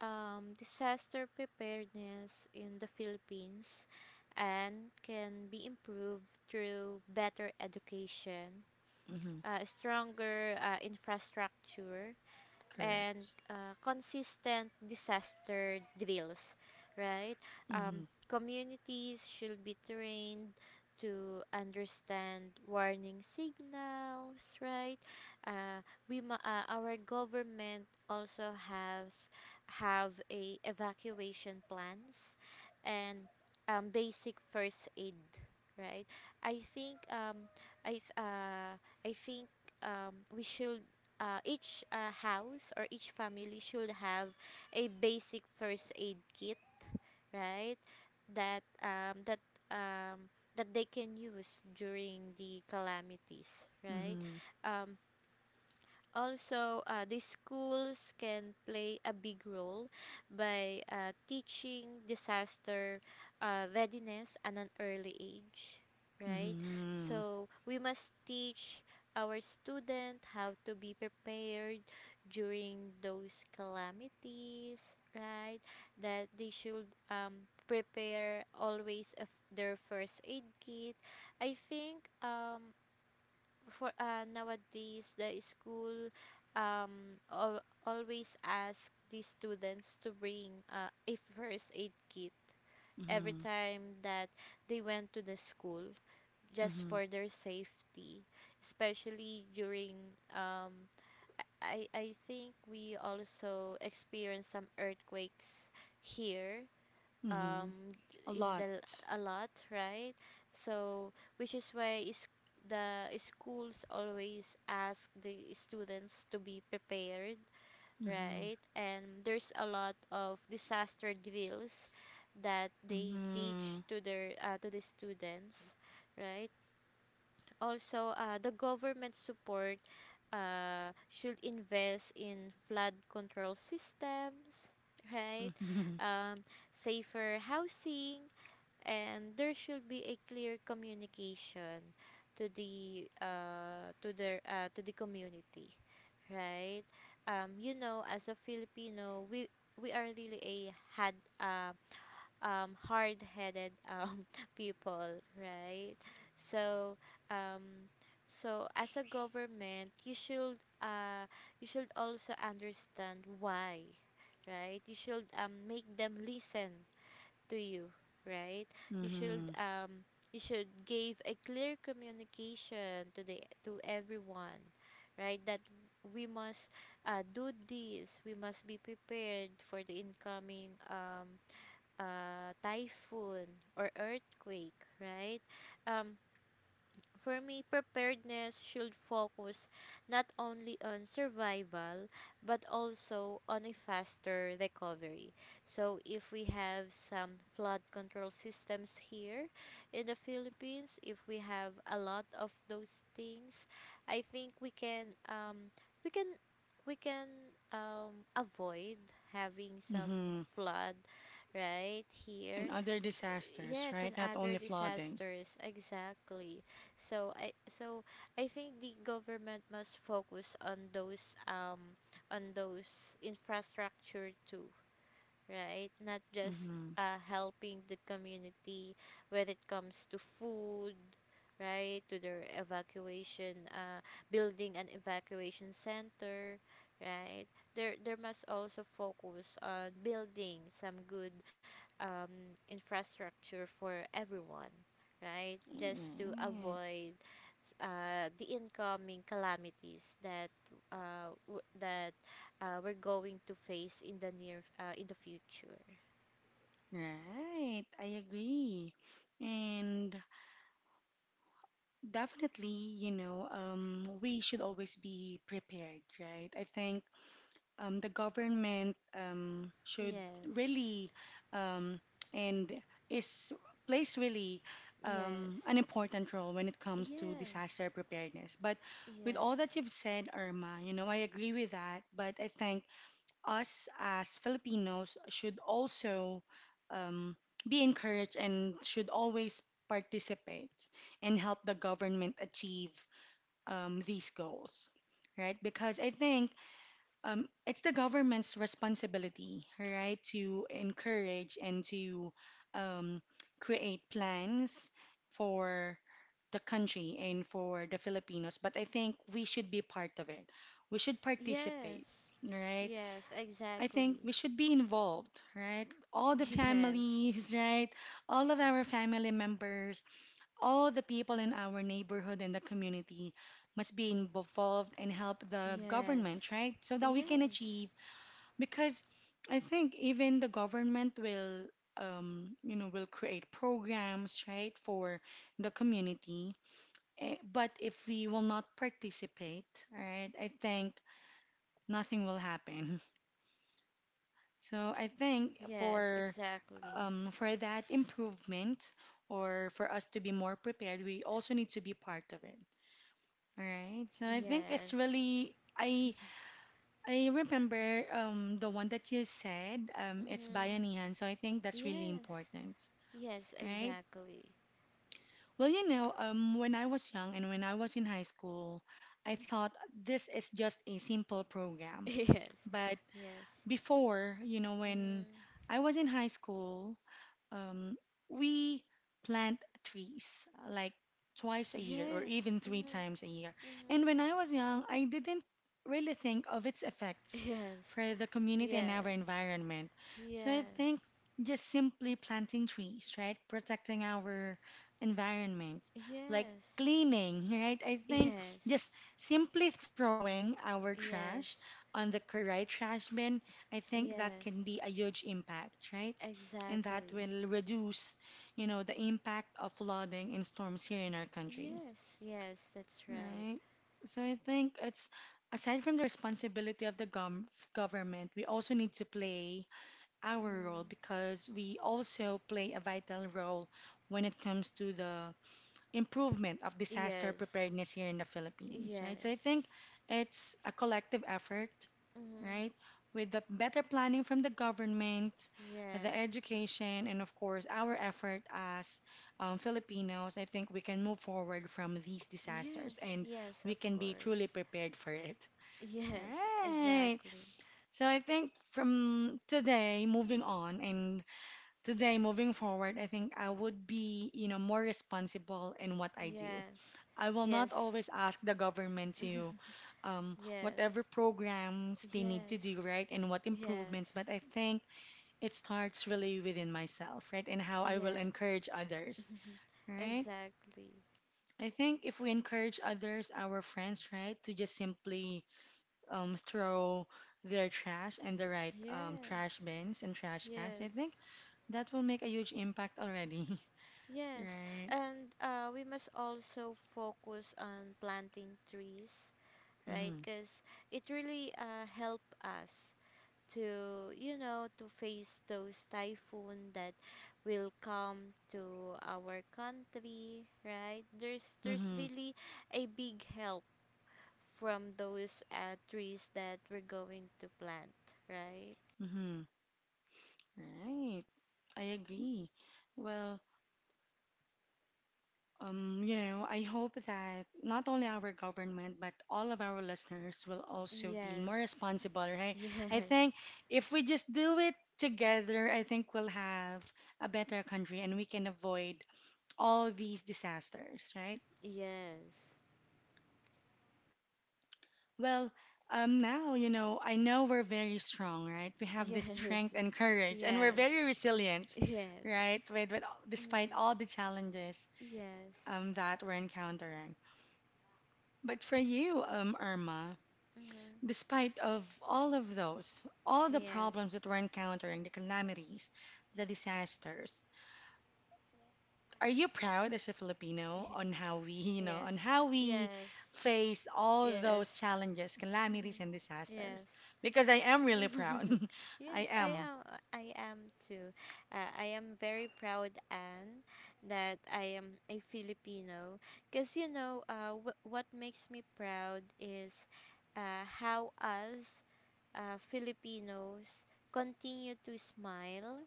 B: disaster preparedness in the Philippines and can be improved through better education,
A: Mm-hmm.
B: stronger infrastructure, and
A: Correct.
B: consistent disaster drills, right?
A: Mm-hmm.
B: Communities should be trained to understand warning signals, right? Uh, our government also has have a evacuation plans and basic first aid, right? I think um, I th- uh, I think we should each house or each family should have a basic first aid kit, right? That um, that um, that they can use during the calamities, right?
A: Mm-hmm.
B: Um, also the schools can play a big role by teaching disaster readiness at an early age, right?
A: Mm-hmm.
B: So we must teach our student how to be prepared during those calamities, right? That they should prepare always of their first aid kit. I think for nowadays the school always ask the students to bring a first aid kit every
A: Mm-hmm.
B: time that they went to the school just
A: Mm-hmm.
B: for their safety, especially during I think we also experienced some earthquakes here,
A: Mm-hmm.
B: um
A: A
B: in the
A: lot.
B: a lot, right? So which is why is the schools always ask the students to be prepared,
A: Mm-hmm.
B: right? And there's a lot of disaster drills that they
A: Mm-hmm.
B: teach to their to the students, right? Also the government support should invest in flood control systems, right?
A: Mm-hmm.
B: um, safer housing, and there should be a clear communication to the to the community, right? You know, as a filipino, we are really a had hard-headed people, right? So um, so as a government, uh, you should also understand why, right? You should make them listen to you, right? You should
A: Mm-hmm.
B: um you should give a clear communication to the to everyone, right? That we must do this. We must be prepared for the incoming typhoon or earthquake, right? Um for me, preparedness should focus not only on survival but also on a faster recovery. So, if we have some flood control systems here in the Philippines, if we have a lot of those things, I think we can we can we can avoid having some
A: Mm-hmm.
B: flood right
A: And
B: here.
A: other
B: S-
A: disasters,
B: yes, and
A: right? Not
B: other
A: only flooding.
B: disasters, exactly. So I think the government must focus on those infrastructure too, right? Not just
A: Mm-hmm.
B: helping the community when it comes to food, right? To their evacuation, building an evacuation center, right? There must also focus on building some good infrastructure for everyone, right? Just to
A: Right.
B: avoid the incoming calamities that uh, w- that we're going to face in the future.
A: Right, I agree. And definitely, you know, we should always be prepared, right? I think the government should
B: Yes.
A: really um, and is plays really an
B: Yes.
A: important role when it comes to disaster
B: Yes.
A: preparedness. But with all that
B: Yes.
A: you've said, Irma, you know, I agree with that. But I think us as Filipinos should also um, be encouraged and should always participate and help the government achieve these goals, right? Because I think it's the government's responsibility, right, to encourage and to um, create plans for the country and for the Filipinos. But I think we should be part of it. We should participate,
B: Yes.
A: right?
B: Yes,
A: I think
B: exactly.
A: we should be involved, right? All the
B: Yes.
A: families, right? All of our family members, all the people in our neighborhood and the community must be involved and help the government,
B: Yes.
A: right? So that we can
B: Yes.
A: achieve, because I think even the government will, you know, will create programs, right, for the community. Eh, but if we will not participate, right, I think nothing will happen. So I think
B: Yes, exactly.
A: for that improvement or for us to be more prepared, we also need to be part of it. All right. So I think it's
B: Yes.
A: really I remember the one that you said. It's
B: Mhm.
A: bayanihan. So I think that's really
B: Yes.
A: important,
B: Yes,
A: right?
B: exactly.
A: Well, you know, when I was young and when I was in high school, I thought this is just a simple program.
B: Yes.
A: But
B: Yes.
A: before, you know, when
B: Mhm.
A: I was in high school, Um, we plant trees like twice a year or
B: Yes.
A: even three
B: Mhm.
A: times a year.
B: Mhm.
A: And when I was young, I didn't really think of its effects
B: Yes.
A: for the community and our
B: Yes.
A: environment. So I
B: Yes.
A: think just simply planting trees, right? Protecting our environment, like
B: Yes.
A: cleaning, right? I think
B: Yes.
A: just simply throwing our trash
B: Yes.
A: on the correct trash bin, I think that can
B: Yes.
A: be a huge impact, right? And that
B: Exactly.
A: will reduce, you know, the impact of flooding and storms here in our country,
B: Yes. Yes, that's right.
A: right? So I think it's aside from the responsibility of the government, we also need to play our role
B: Mm.
A: because we also play a vital role when it comes to the improvement of disaster
B: Yes.
A: preparedness here in the Philippines, right? So I think
B: Yes.
A: it's a collective effort,
B: Mhm.
A: right? With the better planning from the government, the
B: Yes.
A: education, and of course, our effort as Filipinos, I think we can move forward from these disasters
B: Yes.
A: and
B: Yes,
A: we
B: of
A: can be truly
B: course.
A: prepared for it.
B: Yes,
A: Right.
B: exactly.
A: So I think from today moving on and today moving forward, I think I would be, you know, more responsible in what I do.
B: Yes.
A: I will not
B: Yes.
A: always ask the government to
B: Yes.
A: whatever programs they need to
B: Yes.
A: do, right, and what improvements.
B: Yes.
A: But I think it starts really within myself, right, and how I will
B: Yes.
A: encourage others, right?
B: Exactly.
A: I think if we encourage others, our friends, right, to just simply throw their trash in the right trash
B: Yes.
A: bins and trash cans, I
B: Yes.
A: think that will make a huge impact already,
B: Yes.
A: right?
B: And we must also focus on planting trees, right?
A: Mm-hmm,
B: Because it really help us to, you know, to face those typhoon that will come to our country, right? There's
A: mm-hmm,
B: really a big help from those trees that we're going to plant, right?
A: mm-hmm, right. I agree. Well, you know, I hope that not only our government, but all of our listeners will also be more
B: Yes.
A: responsible, right? I
B: Yes,
A: think if we just do it together, I think we'll have a better country and we can avoid all these disasters, right?
B: yes,
A: Well, now, you know, I know we're very strong, right? We have this
B: yes,
A: strength and courage, and we're
B: yes,
A: very resilient,
B: yes,
A: right? With despite
B: mm-hmm.
A: all the challenges
B: Yes,
A: that we're encountering. But for you, Irma,
B: mm-hmm.
A: despite of all of those, all the
B: yes,
A: problems that we're encountering, the calamities, the disasters, are you proud as a Filipino
B: ye-
A: on how we, you know, on
B: yes,
A: how we
B: yes,
A: face all
B: yes,
A: those challenges,
B: mm-hmm.
A: calamities, and
B: Yes.
A: disasters? Because I am really proud. I
B: Yes, I
A: am.
B: am. I am too. I am very proud, Anne, that I am a Filipino. Cause you know, what makes me proud is how us Filipinos continue to smile,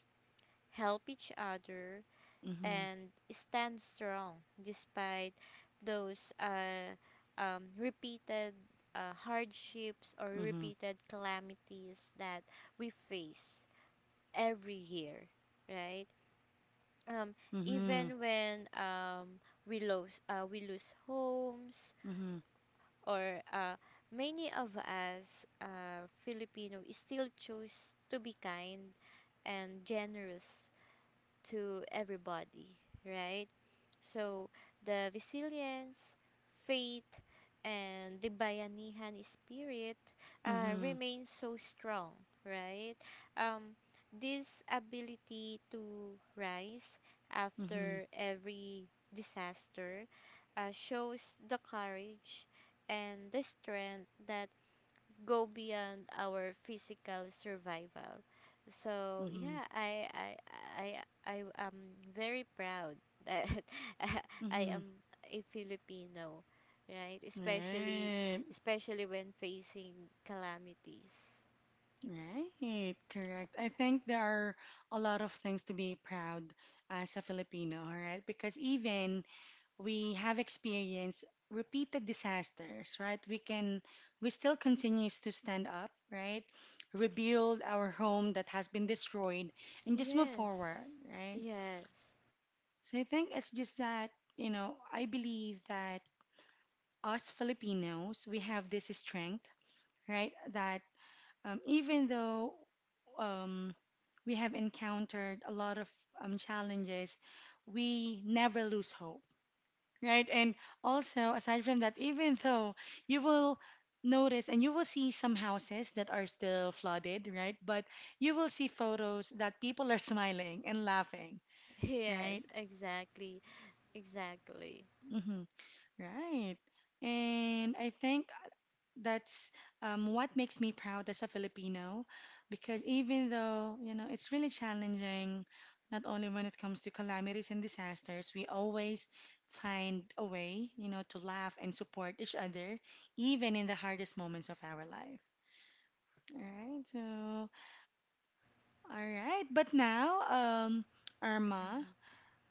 B: help each other,
A: Mm-hmm.
B: and stand strong despite those repeated hardships or
A: Mm-hmm.
B: repeated calamities that we face every year, right? Um,
A: Mm-hmm.
B: even when we lose homes
A: Mm-hmm.
B: or many of us Filipino still choose to be kind and generous to everybody, right? So, the resilience, faith, and the bayanihan spirit
A: Mm-hmm.
B: remains so strong, right? Um, this ability to rise
A: Mm-hmm.
B: after every disaster shows the courage and the strength that go beyond our physical survival. So
A: Mm-hmm.
B: yeah, I I am very proud that I
A: Mm-hmm.
B: am a Filipino, right?
A: Right.
B: Especially when facing calamities.
A: Right, correct. I think there are a lot of things to be proud as a Filipino, right? Because even we have experienced repeated disasters, right? We still continues to stand up, right? Rebuild our home that has been destroyed and just move forward,
B: Yes.
A: right?
B: Yes.
A: So I think it's just that, you know, I believe that us Filipinos, we have this strength, right? That even though um, we have encountered a lot of challenges, we never lose hope, right? And also, aside from that, even though you will notice and you will see some houses that are still flooded, right? But you will see photos that people are smiling and laughing,
B: Yes,
A: right?
B: exactly. Exactly.
A: Hmm, right. And I think that's what makes me proud as a Filipino because even though, you know, it's really challenging, not only when it comes to calamities and disasters, we always find a way, you know, to laugh and support each other, even in the hardest moments of our life. All right. But now, Irma,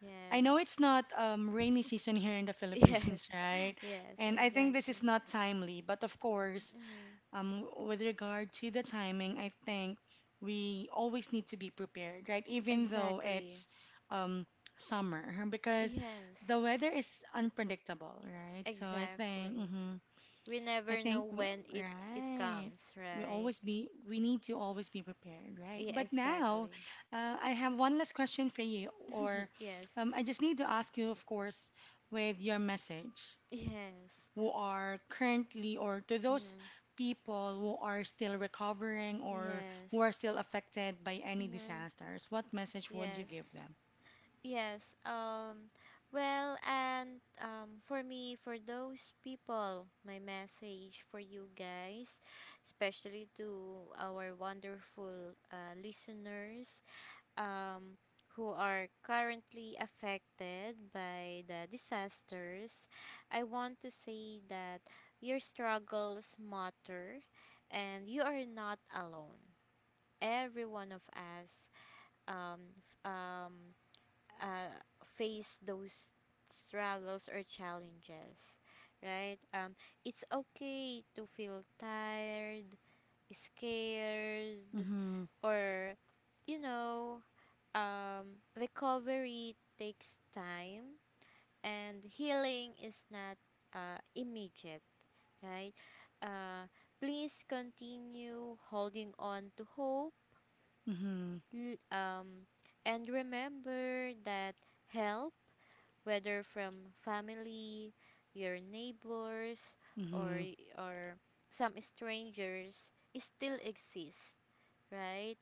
A: I know
B: Yes.
A: it's not rainy season here in the
B: Yes.
A: Philippines, right?
B: Yes,
A: And I think this is
B: exactly.
A: not timely, but of course,
B: Mm,
A: with regard to the timing, I think we always need to be prepared, right? Even though
B: exactly.
A: it's um, summer, because the
B: Yes.
A: weather is unpredictable, right? So I think,
B: Exactly.
A: hmm,
B: We
A: I
B: never know
A: think we,
B: when it
A: right.
B: comes, right?
A: We need to always be prepared, right?
B: Yeah,
A: But now,
B: exactly.
A: I have one last question for you, or
B: Yes.
A: I just need to ask you, of course, with your message
B: Yes.
A: who are currently or to those
B: Mm-hmm.
A: people who are still recovering or who
B: Yes.
A: are still affected by any
B: Mm-hmm.
A: disasters, what message would you give
B: Yes.
A: them?
B: Yes. Well, and for me, for those people, my message for you guys, especially to our wonderful listeners um, who are currently affected by the disasters, I want to say that your struggles matter and you are not alone. Every one of us um, f- um, uh, face those struggles or challenges, right? It's okay to feel tired, scared,
A: Mm-hmm.
B: or you know, recovery takes time and healing is not immediate, right? Uh, please continue holding on to hope,
A: Mm-hmm.
B: l- um, and remember that help, whether from family, your neighbors, or,
A: Mm-hmm.
B: or some strangers, still exists, right?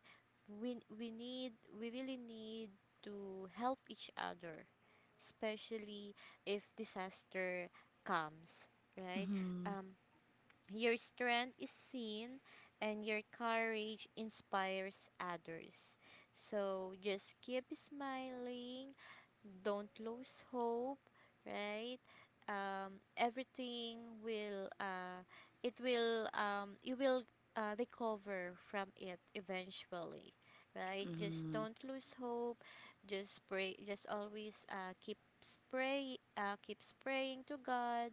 B: We really need to help each other, especially if disaster comes, right?
A: Mm-hmm.
B: Um, your strength is seen, and your courage inspires others. So just keep smiling, don't lose hope, right? Everything will it will you will recover from it eventually, right? Just
A: Mm-hmm.
B: don't lose hope, just pray, just always keep praying to god,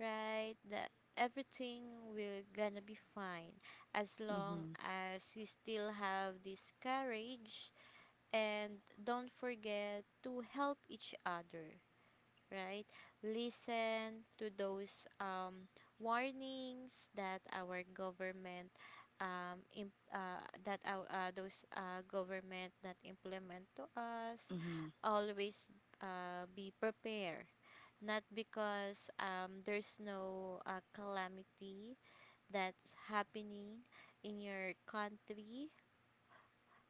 B: right? That everything will gonna be fine as long
A: Mm-hmm.
B: as you still have this courage, and don't forget to help each other, right? Listen to those warnings that our government imp- that our, those government that implement to us.
A: Mm-hmm.
B: Always be prepared, not because there's no calamity that's happening in your country.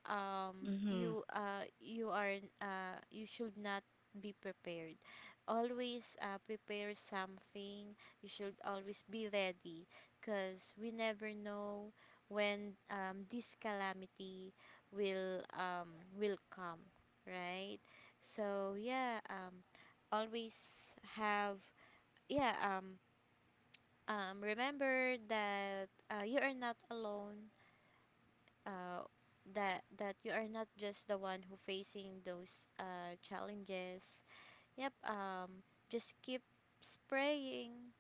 B: um
A: Mm-hmm.
B: you uh you are you should not be prepared, always prepare something, you should always be ready, because we never know when this calamity will um, will come, right? So yeah, always have yeah remember that you are not alone, uh, that you are not just the one who facing those challenges. Yep. Just keep spraying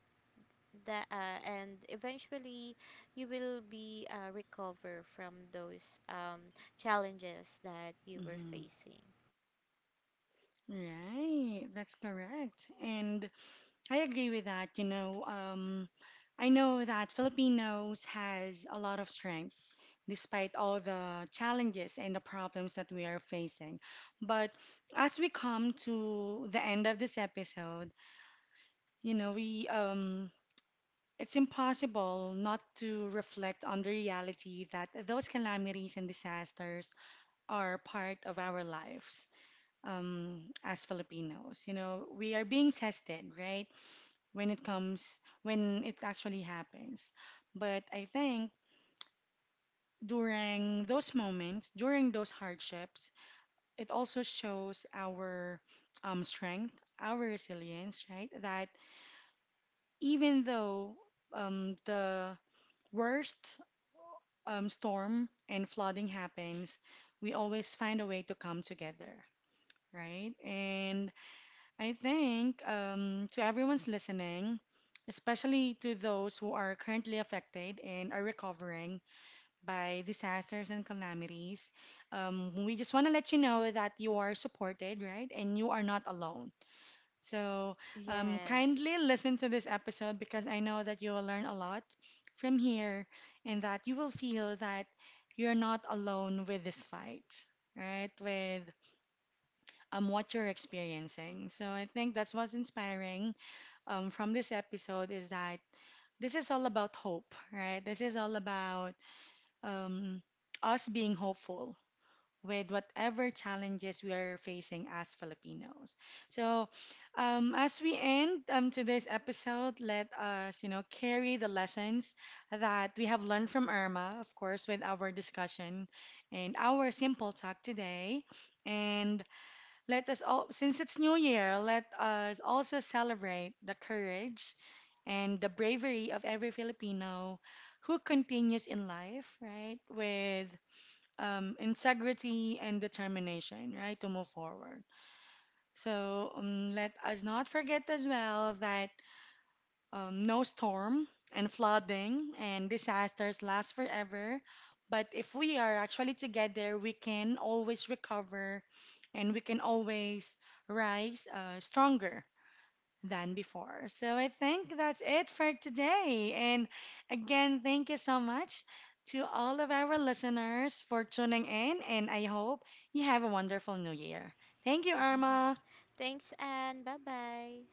B: that, and eventually you will be recover from those challenges that you were
A: Mm-hmm.
B: facing.
A: Right, that's correct. And I agree with that, you know, I know that Filipinos has a lot of strength despite all the challenges and the problems that we are facing. But as we come to the end of this episode, you know, we it's impossible not to reflect on the reality that those calamities and disasters are part of our lives as Filipinos. You know, we are being tested, right? When it actually happens. But I think during those moments, during those hardships, it also shows our strength, our resilience, right? That even though the worst storm and flooding happens, we always find a way to come together, right? And I think to everyone's listening, especially to those who are currently affected and are recovering by disasters and calamities, we just want to let you know that you are supported, right? And you are not alone. So, kindly
B: Yes.
A: listen to this episode because I know that you will learn a lot from here and that you will feel that you're not alone with this fight, right? With what you're experiencing. So, I think that's what's inspiring from this episode is that this is all about hope, right? This is all about um, us being hopeful with whatever challenges we are facing as Filipinos. So, as we end today's episode, let us, you know, carry the lessons that we have learned from Irma, of course, with our discussion and our simple talk today. And let us all, since it's New Year, let us also celebrate the courage and the bravery of every Filipino who continues in life, right? With integrity and determination, right, to move forward. So let us not forget as well that no storm and flooding and disasters last forever. But if we are actually together, we can always recover and we can always rise stronger than before. So I think that's it for today. And again, thank you so much to all of our listeners for tuning in, and I hope you have a wonderful new year. Thank you, Irma.
B: Thanks and bye bye.